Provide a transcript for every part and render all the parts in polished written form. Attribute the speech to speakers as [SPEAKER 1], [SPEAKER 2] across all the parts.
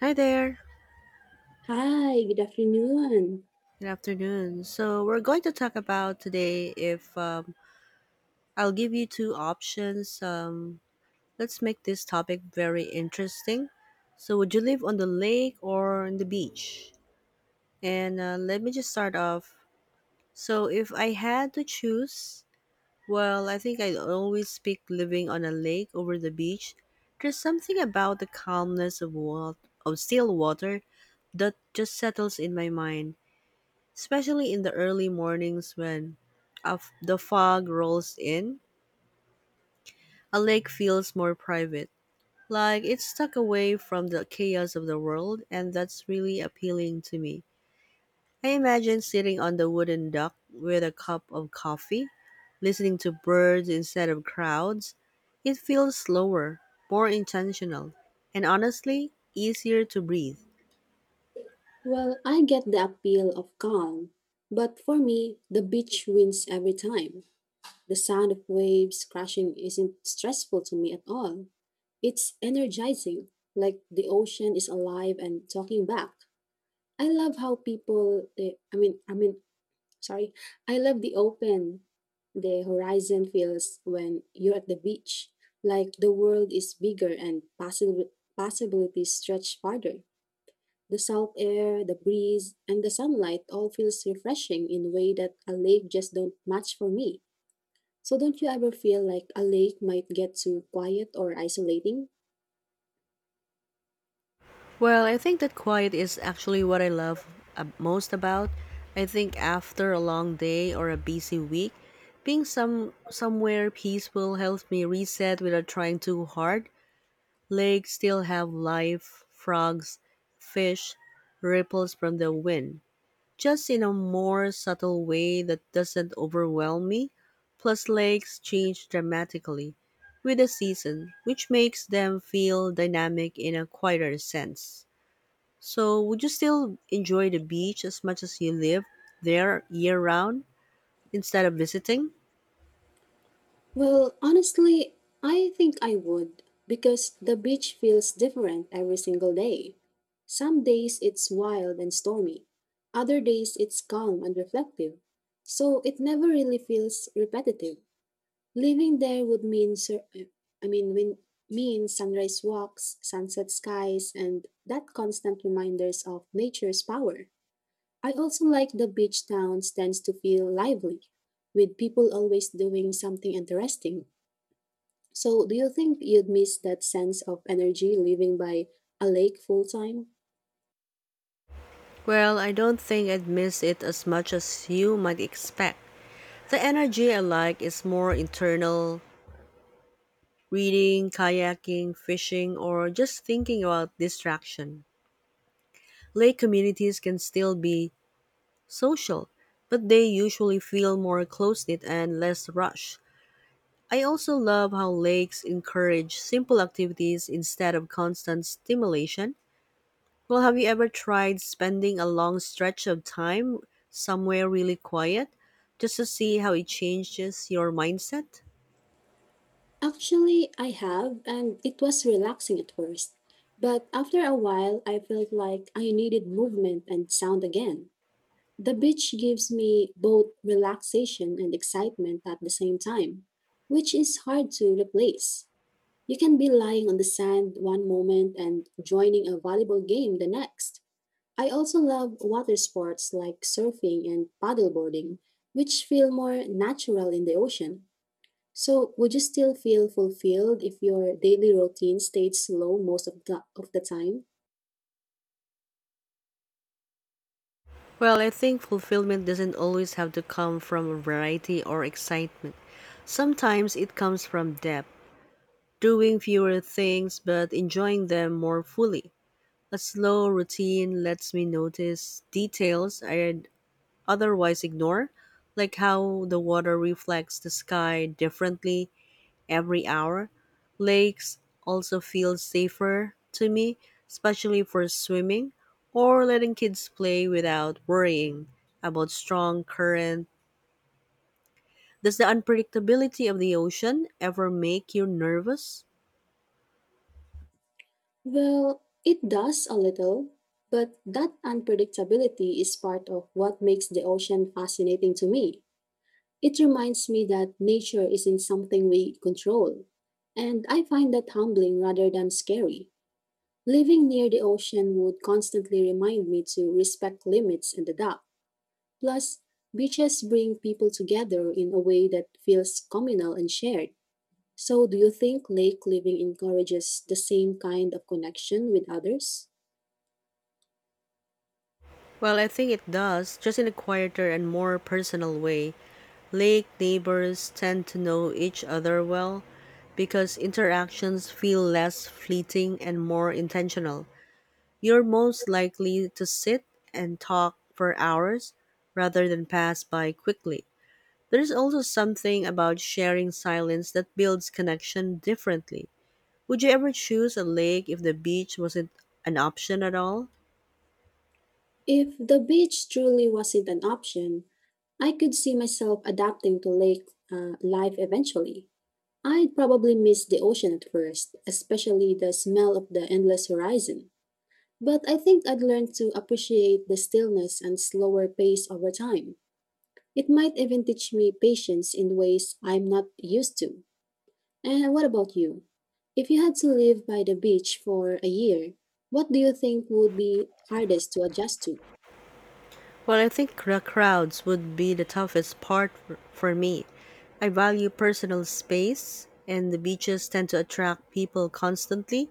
[SPEAKER 1] Hi there.
[SPEAKER 2] Hi, good afternoon.
[SPEAKER 1] Good afternoon. So we're going to talk about today if I'll give you two options. Let's make this topic very interesting. So would you live on the lake or on the beach? And Let me just start off. So if I had to choose, well, I think I'd always pick living on a lake over the beach. There's something about the calmness of of still water that just settles in my mind, especially in the early mornings when the fog rolls in. A lake feels more private, like it's stuck away from the chaos of the world, and that's really appealing to me. I imagine sitting on the wooden dock with a cup of coffee, listening to birds instead of crowds. It feels slower, more intentional, and honestly, easier to breathe.
[SPEAKER 2] Well, I get the appeal of calm, but for me, the beach wins every time. The sound of waves crashing isn't stressful to me at all. It's energizing, like the ocean is alive and talking back. I love how people, they, sorry, I love the open, the horizon feels when you're at the beach, like the world is bigger and possibilities stretch farther. The salt air, the breeze, and the sunlight all feels refreshing in a way that a lake just don't match for me. So don't you ever feel like a lake might get too quiet or isolating?
[SPEAKER 1] Well, I think that quiet is actually what I love most about. I think after a long day or a busy week, being somewhere peaceful helps me reset without trying too hard. Lakes still have life, frogs, fish, ripples from the wind, just in a more subtle way that doesn't overwhelm me. Plus, lakes change dramatically with the season, which makes them feel dynamic in a quieter sense. So, would you still enjoy the beach as much as you live there year round instead of visiting?
[SPEAKER 2] Well, honestly, I think I would because the beach feels different every single day. Some days it's wild and stormy. Other days it's calm and reflective. So it never really feels repetitive. Living there would mean sur- I mean when mean sunrise walks, sunset skies, and that constant reminders of nature's power. I also like the beach towns tends to feel lively, with people always doing something interesting. So do you think you'd miss that sense of energy living by a lake full time?
[SPEAKER 1] Well, I don't think I'd miss it as much as you might expect. The energy I like is more internal: reading, kayaking, fishing, or just thinking about distraction. Lake communities can still be social, but they usually feel more close knit and less rushed. I also love how lakes encourage simple activities instead of constant stimulation. Well, have you ever tried spending a long stretch of time somewhere really quiet just to see how it changes your mindset?
[SPEAKER 2] Actually, I have, and it was relaxing at first. But after a while, I felt like I needed movement and sound again. The beach gives me both relaxation and excitement at the same time, which is hard to replace. You can be lying on the sand one moment and joining a volleyball game the next. I also love water sports like surfing and paddleboarding, which feel more natural in the ocean. So, would you still feel fulfilled if your daily routine stayed slow most of the time?
[SPEAKER 1] Well, I think fulfillment doesn't always have to come from variety or excitement. Sometimes it comes from depth, doing fewer things but enjoying them more fully. A slow routine lets me notice details I'd otherwise ignore, like how the water reflects the sky differently every hour. Lakes also feel safer to me, especially for swimming or letting kids play without worrying about strong current. Does the unpredictability of the ocean ever make you nervous?
[SPEAKER 2] Well, it does a little, but that unpredictability is part of what makes the ocean fascinating to me. It reminds me that nature isn't something we control, and I find that humbling rather than scary. Living near the ocean would constantly remind me to respect limits and adapt. Plus, beaches bring people together in a way that feels communal and shared. So, do you think lake living encourages the same kind of connection with others?
[SPEAKER 1] Well, I think it does, just in a quieter and more personal way. Lake neighbors tend to know each other well because interactions feel less fleeting and more intentional. You're most likely to sit and talk for hours rather than pass by quickly. There's also something about sharing silence that builds connection differently. Would you ever choose a lake if the beach wasn't an option at all?
[SPEAKER 2] If the beach truly wasn't an option, I could see myself adapting to lake life eventually. I'd probably miss the ocean at first, especially the smell of the endless horizon. But I think I'd learn to appreciate the stillness and slower pace over time. It might even teach me patience in ways I'm not used to. And what about you? If you had to live by the beach for a year, what do you think would be hardest to adjust to?
[SPEAKER 1] Well, I think the crowds would be the toughest part for me. I value personal space, and the beaches tend to attract people constantly,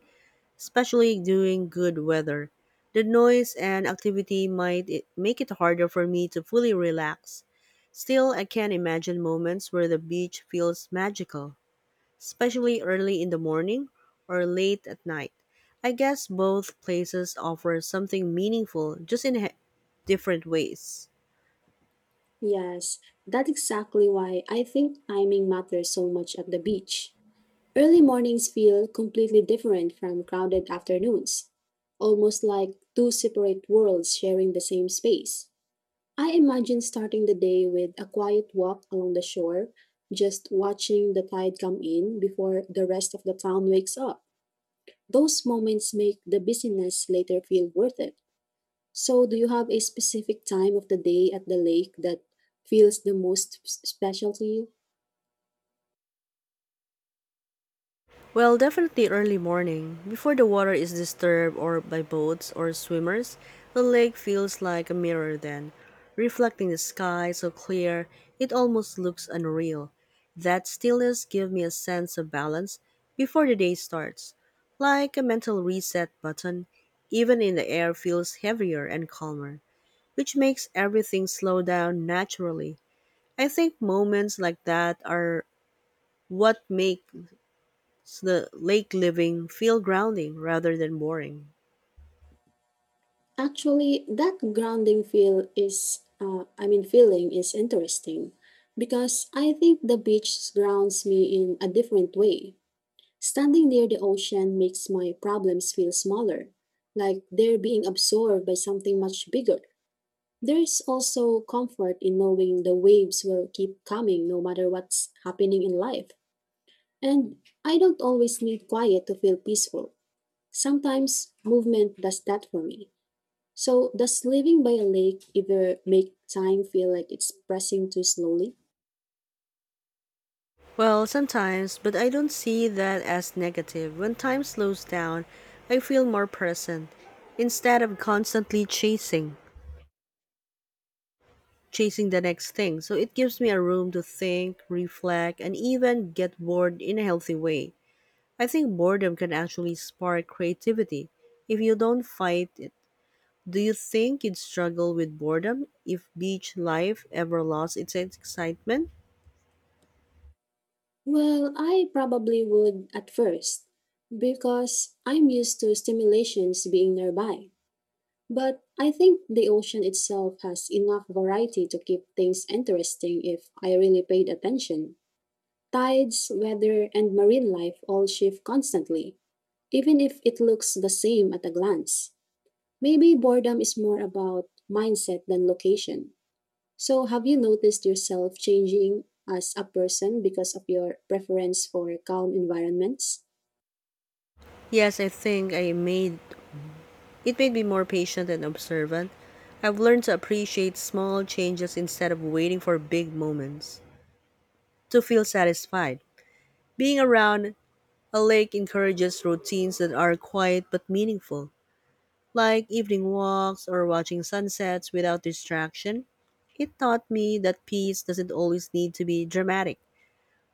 [SPEAKER 1] especially during good weather. The noise and activity might make it harder for me to fully relax. Still, I can imagine moments where the beach feels magical, especially early in the morning or late at night. I guess both places offer something meaningful, just in different ways.
[SPEAKER 2] Yes, that's exactly why I think timing matters so much at the beach. Early mornings feel completely different from crowded afternoons, almost like two separate worlds sharing the same space. I imagine starting the day with a quiet walk along the shore, just watching the tide come in before the rest of the town wakes up. Those moments make the busyness later feel worth it. So, do you have a specific time of the day at the lake that feels the most special to you?
[SPEAKER 1] Well, definitely early morning. Before the water is disturbed or by boats or swimmers, the lake feels like a mirror then, reflecting the sky so clear it almost looks unreal. That stillness gives me a sense of balance before the day starts, like a mental reset button. Even in the air feels heavier and calmer, which makes everything slow down naturally. I think moments like that are what make it's the lake living feel grounding rather than boring?
[SPEAKER 2] Actually, that grounding feeling is interesting because I think the beach grounds me in a different way. Standing near the ocean makes my problems feel smaller, like they're being absorbed by something much bigger. There is also comfort in knowing the waves will keep coming no matter what's happening in life. And I don't always need quiet to feel peaceful. Sometimes movement does that for me. So, does living by a lake either make time feel like it's pressing too slowly?
[SPEAKER 1] Well, sometimes, but I don't see that as negative. When time slows down, I feel more present instead of chasing the next thing. So it gives me a room to think, reflect, and even get bored in a healthy way. I think boredom can actually spark creativity if you don't fight it. Do you think you'd struggle with boredom if beach life ever lost its excitement?
[SPEAKER 2] Well, I probably would at first because I'm used to stimulations being nearby. But I think the ocean itself has enough variety to keep things interesting if I really paid attention. Tides, weather, and marine life all shift constantly, even if it looks the same at a glance. Maybe boredom is more about mindset than location. So, have you noticed yourself changing as a person because of your preference for calm environments?
[SPEAKER 1] Yes, I think I made it made me more patient and observant. I've learned to appreciate small changes instead of waiting for big moments to feel satisfied. Being around a lake encourages routines that are quiet but meaningful, like evening walks or watching sunsets without distraction. It taught me that peace doesn't always need to be dramatic.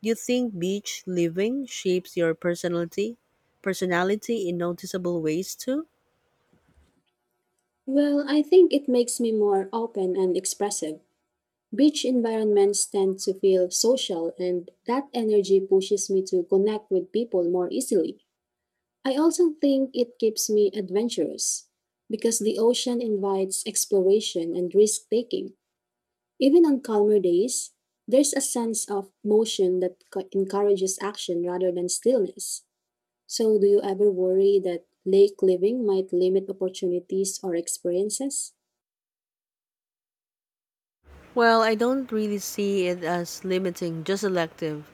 [SPEAKER 1] Do you think beach living shapes personality in noticeable ways too?
[SPEAKER 2] Well, I think it makes me more open and expressive. Beach environments tend to feel social, and that energy pushes me to connect with people more easily. I also think it keeps me adventurous because the ocean invites exploration and risk taking. Even on calmer days, there's a sense of motion that encourages action rather than stillness. So, do you ever worry that lake living might limit opportunities or experiences?
[SPEAKER 1] Well, I don't really see it as limiting, just selective.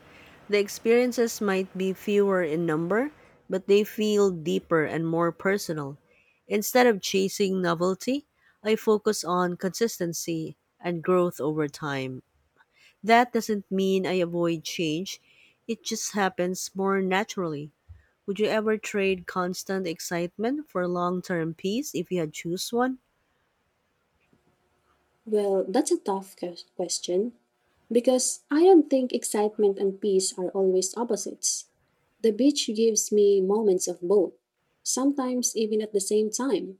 [SPEAKER 1] The experiences might be fewer in number, but they feel deeper and more personal. Instead of chasing novelty, I focus on consistency and growth over time. That doesn't mean I avoid change, it just happens more naturally. Would you ever trade constant excitement for long term peace if you had choose one?
[SPEAKER 2] Well, that's a tough question because I don't think excitement and peace are always opposites. The beach gives me moments of both, sometimes even at the same time.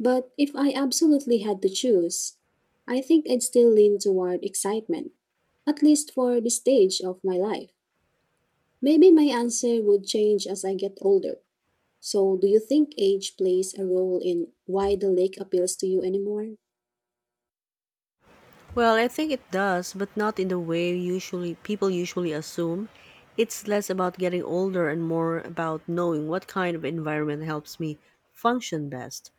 [SPEAKER 2] But if I absolutely had to choose, I think I'd still lean toward excitement, at least for this stage of my life. Maybe my answer would change as I get older. So, do you think age plays a role in why the lake appeals to you anymore?
[SPEAKER 1] Well, I think it does, but not in the way usually people usually assume. It's less about getting older and more about knowing what kind of environment helps me function best.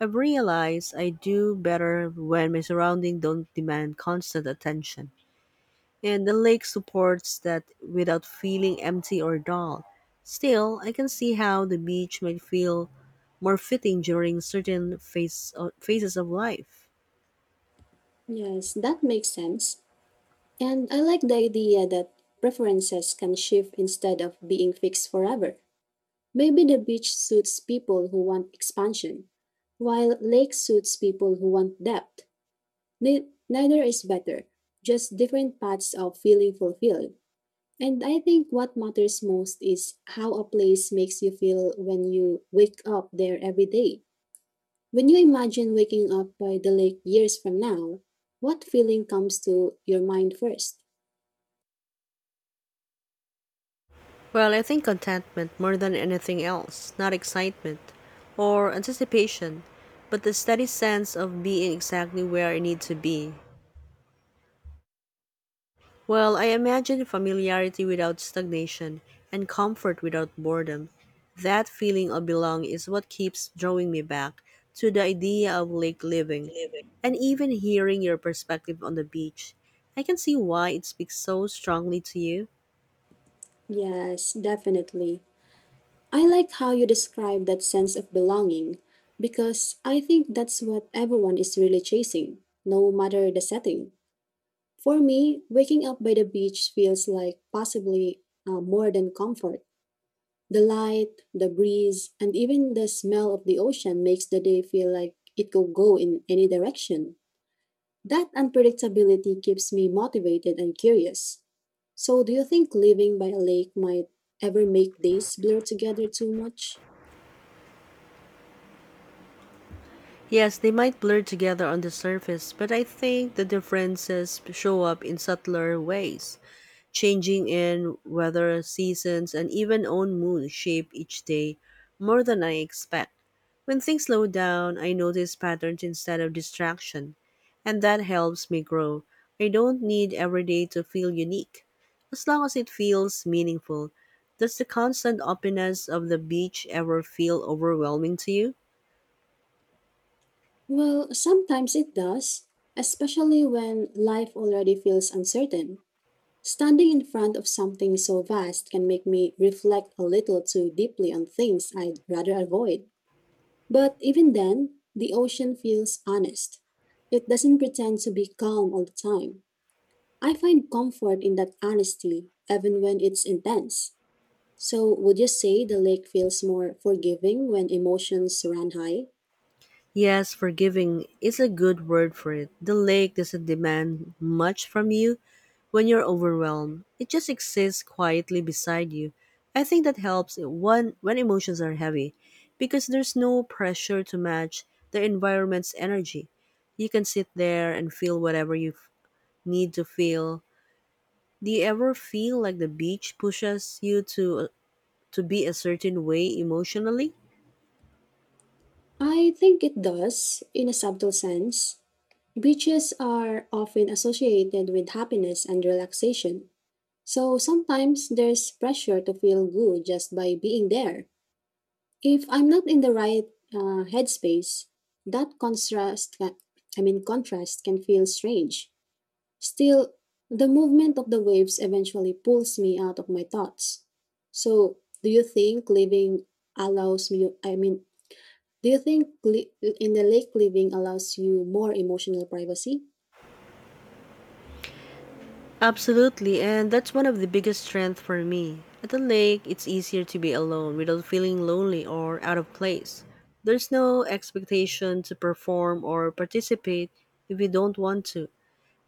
[SPEAKER 1] I've realized I do better when my surroundings don't demand constant attention. And the lake supports that without feeling empty or dull. Still, I can see how the beach might feel more fitting during certain phases of life.
[SPEAKER 2] Yes, that makes sense. And I like the idea that preferences can shift instead of being fixed forever. Maybe the beach suits people who want expansion, while lake suits people who want depth. Neither is better, just different paths of feeling fulfilled. And I think what matters most is how a place makes you feel when you wake up there every day. When you imagine waking up by the lake years from now, what feeling comes to your mind first?
[SPEAKER 1] Well, I think contentment more than anything else, not excitement or anticipation, but the steady sense of being exactly where I need to be. Well, I imagine familiarity without stagnation and comfort without boredom. That feeling of belong is what keeps drawing me back to the idea of lake living. And even hearing your perspective on the beach, I can see why it speaks so strongly to you.
[SPEAKER 2] Yes, definitely. I like how you describe that sense of belonging because I think that's what everyone is really chasing, no matter the setting. For me, waking up by the beach feels like possibly more than comfort. The light, the breeze, and even the smell of the ocean makes the day feel like it could go in any direction. That unpredictability keeps me motivated and curious. So, do you think living by a lake might ever make days blur together too much?
[SPEAKER 1] Yes, they might blur together on the surface, but I think the differences show up in subtler ways. Changing in weather, seasons, and even own mood shape each day more than I expect. When things slow down, I notice patterns instead of distraction, and that helps me grow. I don't need every day to feel unique, as long as it feels meaningful. Does the constant openness of the beach ever feel overwhelming to you?
[SPEAKER 2] Well, sometimes it does, especially when life already feels uncertain. Standing in front of something so vast can make me reflect a little too deeply on things I'd rather avoid. But even then, the ocean feels honest. It doesn't pretend to be calm all the time. I find comfort in that honesty, even when it's intense. So, would you say the lake feels more forgiving when emotions run high?
[SPEAKER 1] Yes, forgiving is a good word for it. The lake doesn't demand much from you when you're overwhelmed. It just exists quietly beside you. I think that helps when emotions are heavy because there's no pressure to match the environment's energy. You can sit there and feel whatever you need to feel. Do you ever feel like the beach pushes you to be a certain way emotionally?
[SPEAKER 2] I think it does, in a subtle sense. Beaches are often associated with happiness and relaxation, so sometimes there's pressure to feel good just by being there. If I'm not in the right headspace, that contrast, ca- I mean, contrast can feel strange. Still, the movement of the waves eventually pulls me out of my thoughts. So, do you think living allows me, I mean, do you think in the lake living allows you more emotional privacy?
[SPEAKER 1] Absolutely, and that's one of the biggest strengths for me. At the lake, it's easier to be alone without feeling lonely or out of place. There's no expectation to perform or participate if you don't want to.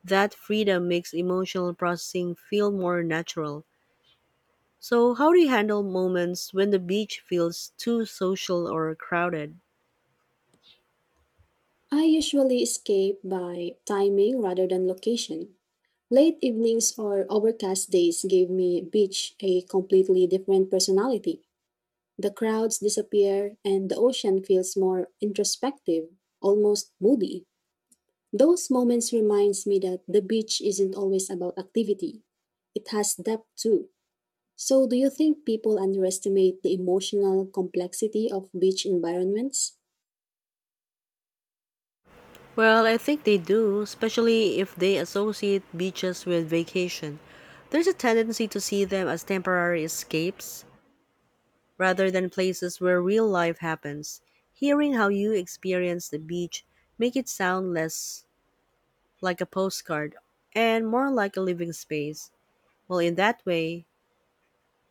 [SPEAKER 1] That freedom makes emotional processing feel more natural. So, how do you handle moments when the beach feels too social or crowded?
[SPEAKER 2] I usually escape by timing rather than location. Late evenings or overcast days gave me beach a completely different personality. The crowds disappear and the ocean feels more introspective, almost moody. Those moments reminds me that the beach isn't always about activity. It has depth too. So do you think people underestimate the emotional complexity of beach environments?
[SPEAKER 1] Well, I think they do, especially if they associate beaches with vacation. There's a tendency to see them as temporary escapes rather than places where real life happens. Hearing how you experience the beach make it sound less like a postcard and more like a living space. Well, in that way,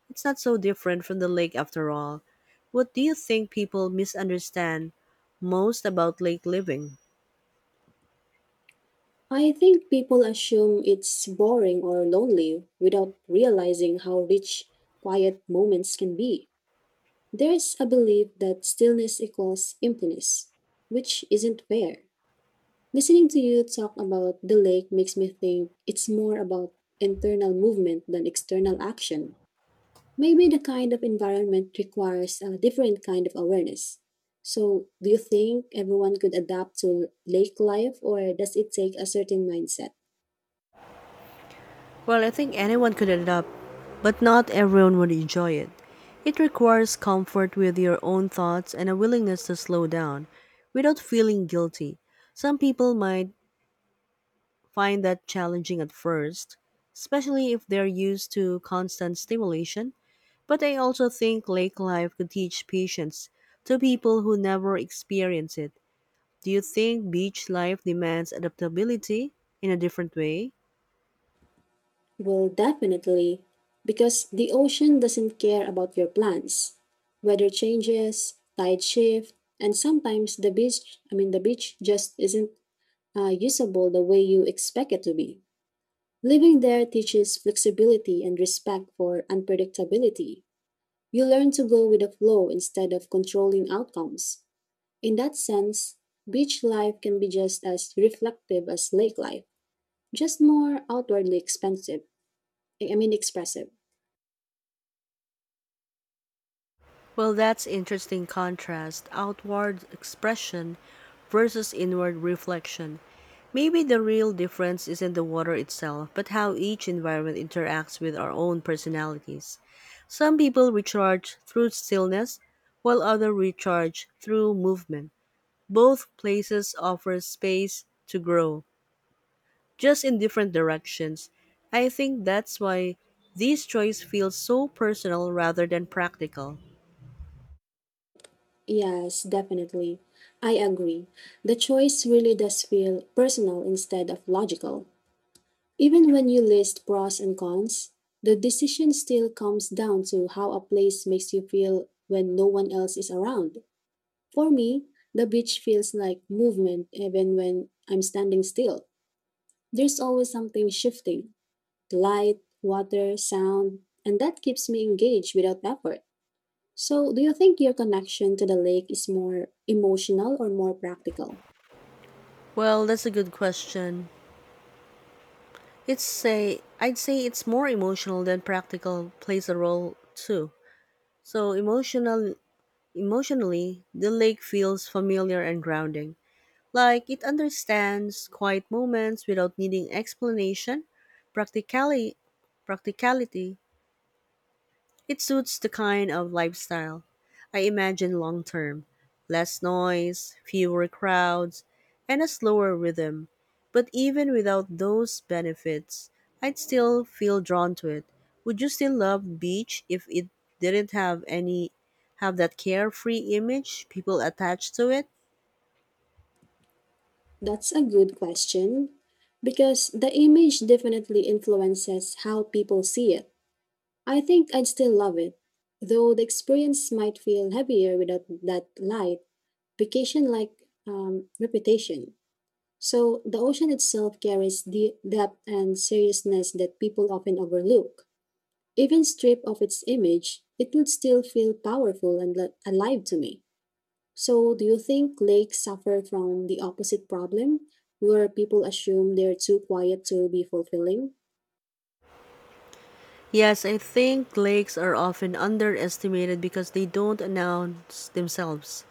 [SPEAKER 1] it's not so different from the lake after all. What do you think people misunderstand most about lake living?
[SPEAKER 2] I think people assume it's boring or lonely without realizing how rich quiet moments can be. There is a belief that stillness equals emptiness, which isn't fair. Listening to you talk about the lake makes me think it's more about internal movement than external action. Maybe the kind of environment requires a different kind of awareness. So, do you think everyone could adapt to lake life, or does it take a certain mindset?
[SPEAKER 1] Well, I think anyone could adapt, but not everyone would enjoy it. It requires comfort with your own thoughts and a willingness to slow down without feeling guilty. Some people might find that challenging at first, especially if they're used to constant stimulation, but I also think lake life could teach patience to people who never experience it. Do you think beach life demands adaptability in a different way?
[SPEAKER 2] Well, definitely, because the ocean doesn't care about your plans. Weather changes, tide shift, and sometimes the beach just isn't usable the way you expect it to be. Living there teaches flexibility and respect for unpredictability. You learn to go with the flow instead of controlling outcomes. In that sense, beach life can be just as reflective as lake life, just more outwardly expressive.
[SPEAKER 1] Well, that's interesting contrast outward expression versus inward reflection. Maybe the real difference isn't the water itself, but how each environment interacts with our own personalities. Some people recharge through stillness, while others recharge through movement. Both places offer space to grow, just in different directions. I think that's why this choice feels so personal rather than practical.
[SPEAKER 2] Yes, definitely. I agree. The choice really does feel personal instead of logical. Even when you list pros and cons, the decision still comes down to how a place makes you feel when no one else is around. For me, the beach feels like movement even when I'm standing still. There's always something shifting: light, water, sound, and that keeps me engaged without effort. So, do you think your connection to the lake is more emotional or more practical?
[SPEAKER 1] Well, that's a good question. It's say I'd say it's more emotional than practical plays a role too. So emotionally, the lake feels familiar and grounding. Like it understands quiet moments without needing explanation. Practically Practicality, it suits the kind of lifestyle I imagine long term: less noise, fewer crowds, and a slower rhythm. But even without those benefits, I'd still feel drawn to it. Would you still love beach if it didn't have that carefree image people attach to it?
[SPEAKER 2] That's a good question because the image definitely influences how people see it. I think I'd still love it, though the experience might feel heavier without that light, vacation like reputation. So, the ocean itself carries the depth and seriousness that people often overlook. Even stripped of its image, it would still feel powerful and alive to me. So, do you think lakes suffer from the opposite problem, where people assume they're too quiet to be fulfilling?
[SPEAKER 1] Yes, I think lakes are often underestimated because they don't announce themselves.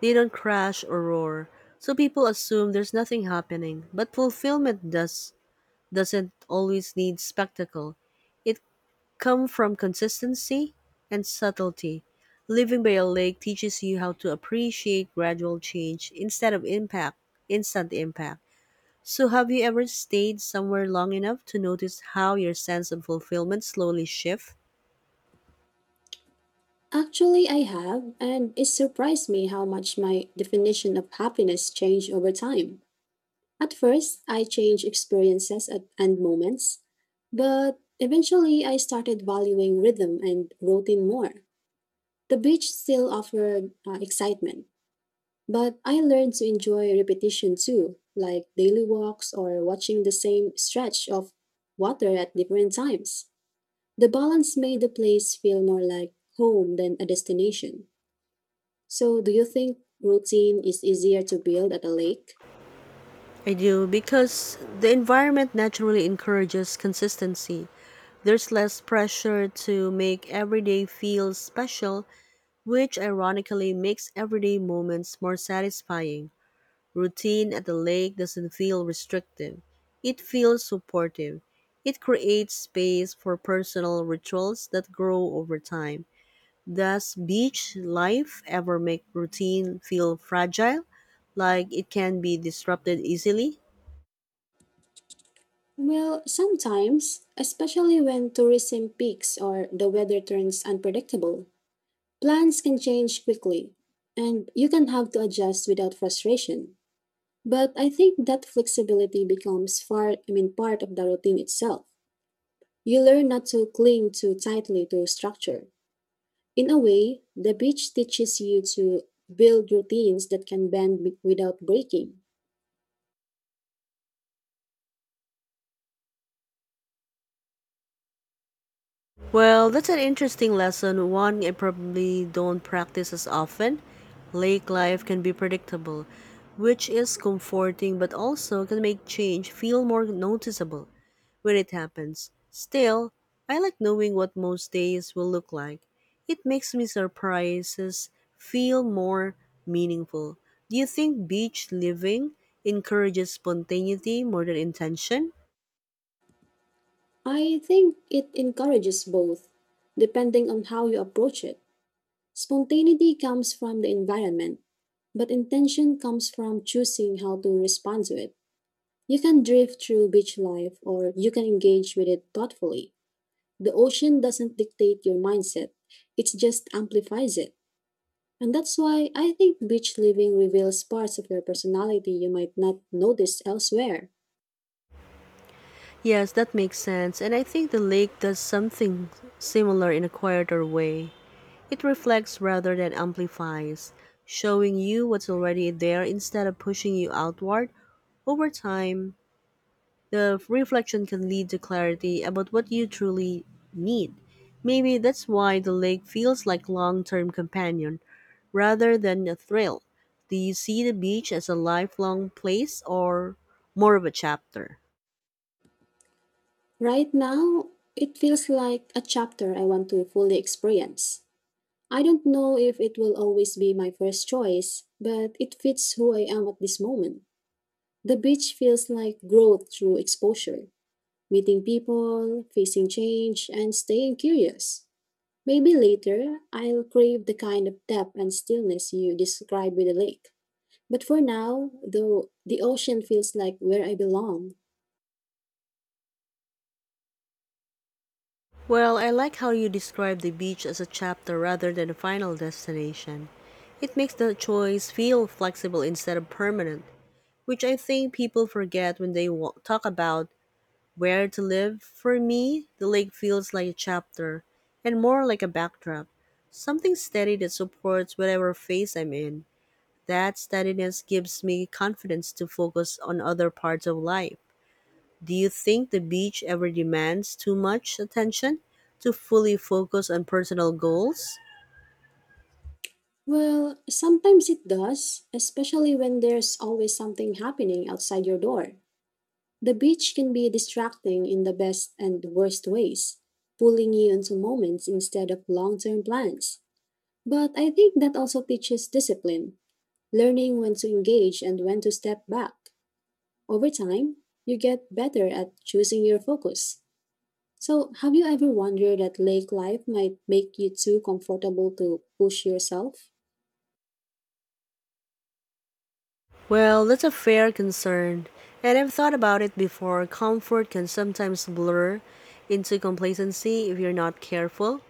[SPEAKER 1] They don't crash or roar. So people assume there's nothing happening, but fulfillment doesn't always need spectacle. It comes from consistency and subtlety. Living by a lake teaches you how to appreciate gradual change instead of instant impact. So, have you ever stayed somewhere long enough to notice how your sense of fulfillment slowly shifts?
[SPEAKER 2] Actually, I have, and it surprised me how much my definition of happiness changed over time. At first, I changed experiences at, and moments, but eventually I started valuing rhythm and routine more. The beach still offered excitement, but I learned to enjoy repetition too, like daily walks or watching the same stretch of water at different times. The balance made the place feel more like home than a destination. So, do you think routine is easier to build at a lake?
[SPEAKER 1] I do because the environment naturally encourages consistency. There's less pressure to make every day feel special, which ironically makes everyday moments more satisfying. Routine at the lake doesn't feel restrictive, it feels supportive. It creates space for personal rituals that grow over time. Does beach life ever make routine feel fragile, like it can be disrupted easily?
[SPEAKER 2] Well, sometimes, especially when tourism peaks or the weather turns unpredictable. Plans can change quickly, and you can have to adjust without frustration. But I think that flexibility becomes part of the routine itself. You learn not to cling too tightly to structure. In a way, the beach teaches you to build routines that can bend without breaking.
[SPEAKER 1] Well, that's an interesting lesson, one I probably don't practice as often. Lake life can be predictable, which is comforting but also can make change feel more noticeable when it happens. Still, I like knowing what most days will look like. It makes me surprises feel more meaningful. Do you think beach living encourages spontaneity more than intention?
[SPEAKER 2] I think it encourages both, depending on how you approach it. Spontaneity comes from the environment, but intention comes from choosing how to respond to it. You can drift through beach life or you can engage with it thoughtfully. The ocean doesn't dictate your mindset, it just amplifies it. And that's why I think beach living reveals parts of your personality you might not notice elsewhere.
[SPEAKER 1] Yes, that makes sense, and I think the lake does something similar in a quieter way. It reflects rather than amplifies, showing you what's already there instead of pushing you outward. Over time, the reflection can lead to clarity about what you truly need. Maybe that's why the lake feels like long-term companion rather than a thrill. Do you see the beach as a lifelong place or more of a chapter?
[SPEAKER 2] Right now, it feels like a chapter I want to fully experience. I don't know if it will always be my first choice, but it fits who I am at this moment. The beach feels like growth through exposure, meeting people, facing change, and staying curious. Maybe later I'll crave the kind of depth and stillness you describe with the lake. But for now, though, the ocean feels like where I belong.
[SPEAKER 1] Well, I like how you describe the beach as a chapter rather than a final destination. It makes the choice feel flexible instead of permanent, which I think people forget when they talk about where to live. For me, the lake feels like a chapter and more like a backdrop, something steady that supports whatever phase I'm in. That steadiness gives me confidence to focus on other parts of life. Do you think the beach ever demands too much attention to fully focus on personal goals?
[SPEAKER 2] Well, sometimes it does, especially when there's always something happening outside your door. The beach can be distracting in the best and worst ways, pulling you into moments instead of long term plans. But I think that also teaches discipline, learning when to engage and when to step back. Over time, you get better at choosing your focus. So, have you ever wondered that lake life might make you too comfortable to push yourself?
[SPEAKER 1] Well, that's a fair concern, and I've thought about it before. Comfort can sometimes blur into complacency if you're not careful.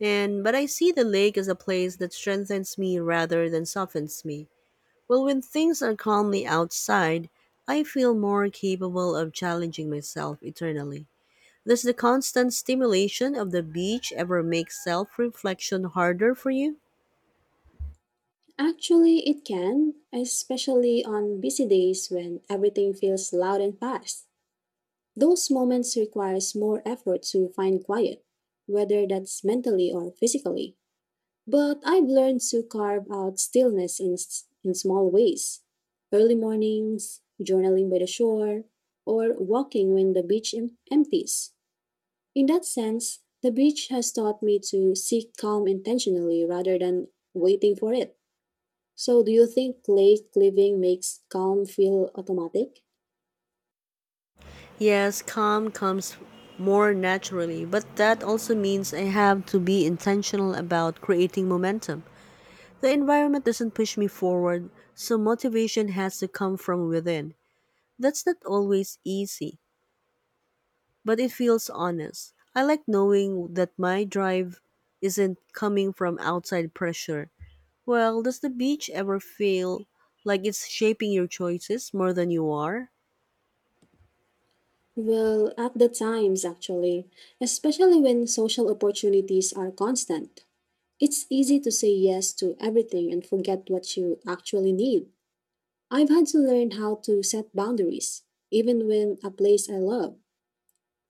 [SPEAKER 1] And but I see the lake as a place that strengthens me rather than softens me. Well, when things are calmly outside, I feel more capable of challenging myself eternally. Does the constant stimulation of the beach ever make self reflection harder for you?
[SPEAKER 2] Actually, it can, especially on busy days when everything feels loud and fast. Those moments requires more effort to find quiet, whether that's mentally or physically. But I've learned to carve out stillness in small ways. Early mornings, journaling by the shore, or walking when the beach empties. In that sense, the beach has taught me to seek calm intentionally rather than waiting for it. So, do you think lake living makes calm feel automatic?
[SPEAKER 1] Yes, calm comes more naturally, but that also means I have to be intentional about creating momentum. The environment doesn't push me forward, so motivation has to come from within. That's not always easy, but it feels honest. I like knowing that my drive isn't coming from outside pressure. Well, does the beach ever feel like it's shaping your choices more than you are?
[SPEAKER 2] Well, at the times, actually, especially when social opportunities are constant. It's easy to say yes to everything and forget what you actually need. I've had to learn how to set boundaries, even when a place I love.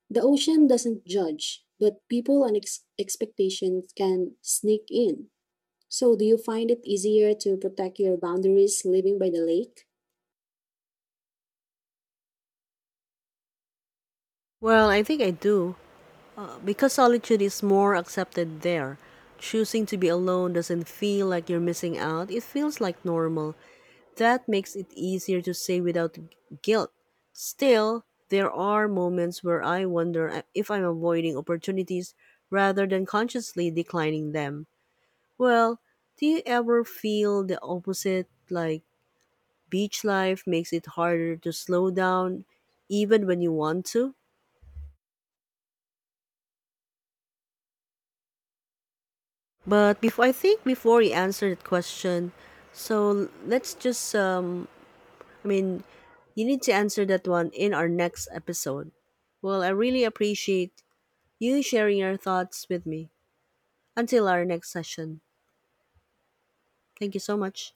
[SPEAKER 2] The ocean doesn't judge, but people and expectations can sneak in. So, do you find it easier to protect your boundaries living by the lake?
[SPEAKER 1] Well, I think I do. Because solitude is more accepted there. Choosing to be alone doesn't feel like you're missing out, it feels like normal. That makes it easier to say without guilt. Still, there are moments where I wonder if I'm avoiding opportunities rather than consciously declining them. Well, do you ever feel the opposite? Like, beach life makes it harder to slow down even when you want to. But before I think before you answer that question, so let's just I mean you need to answer that one in our next episode. Well, I really appreciate you sharing your thoughts with me. Until our next session. Thank you so much.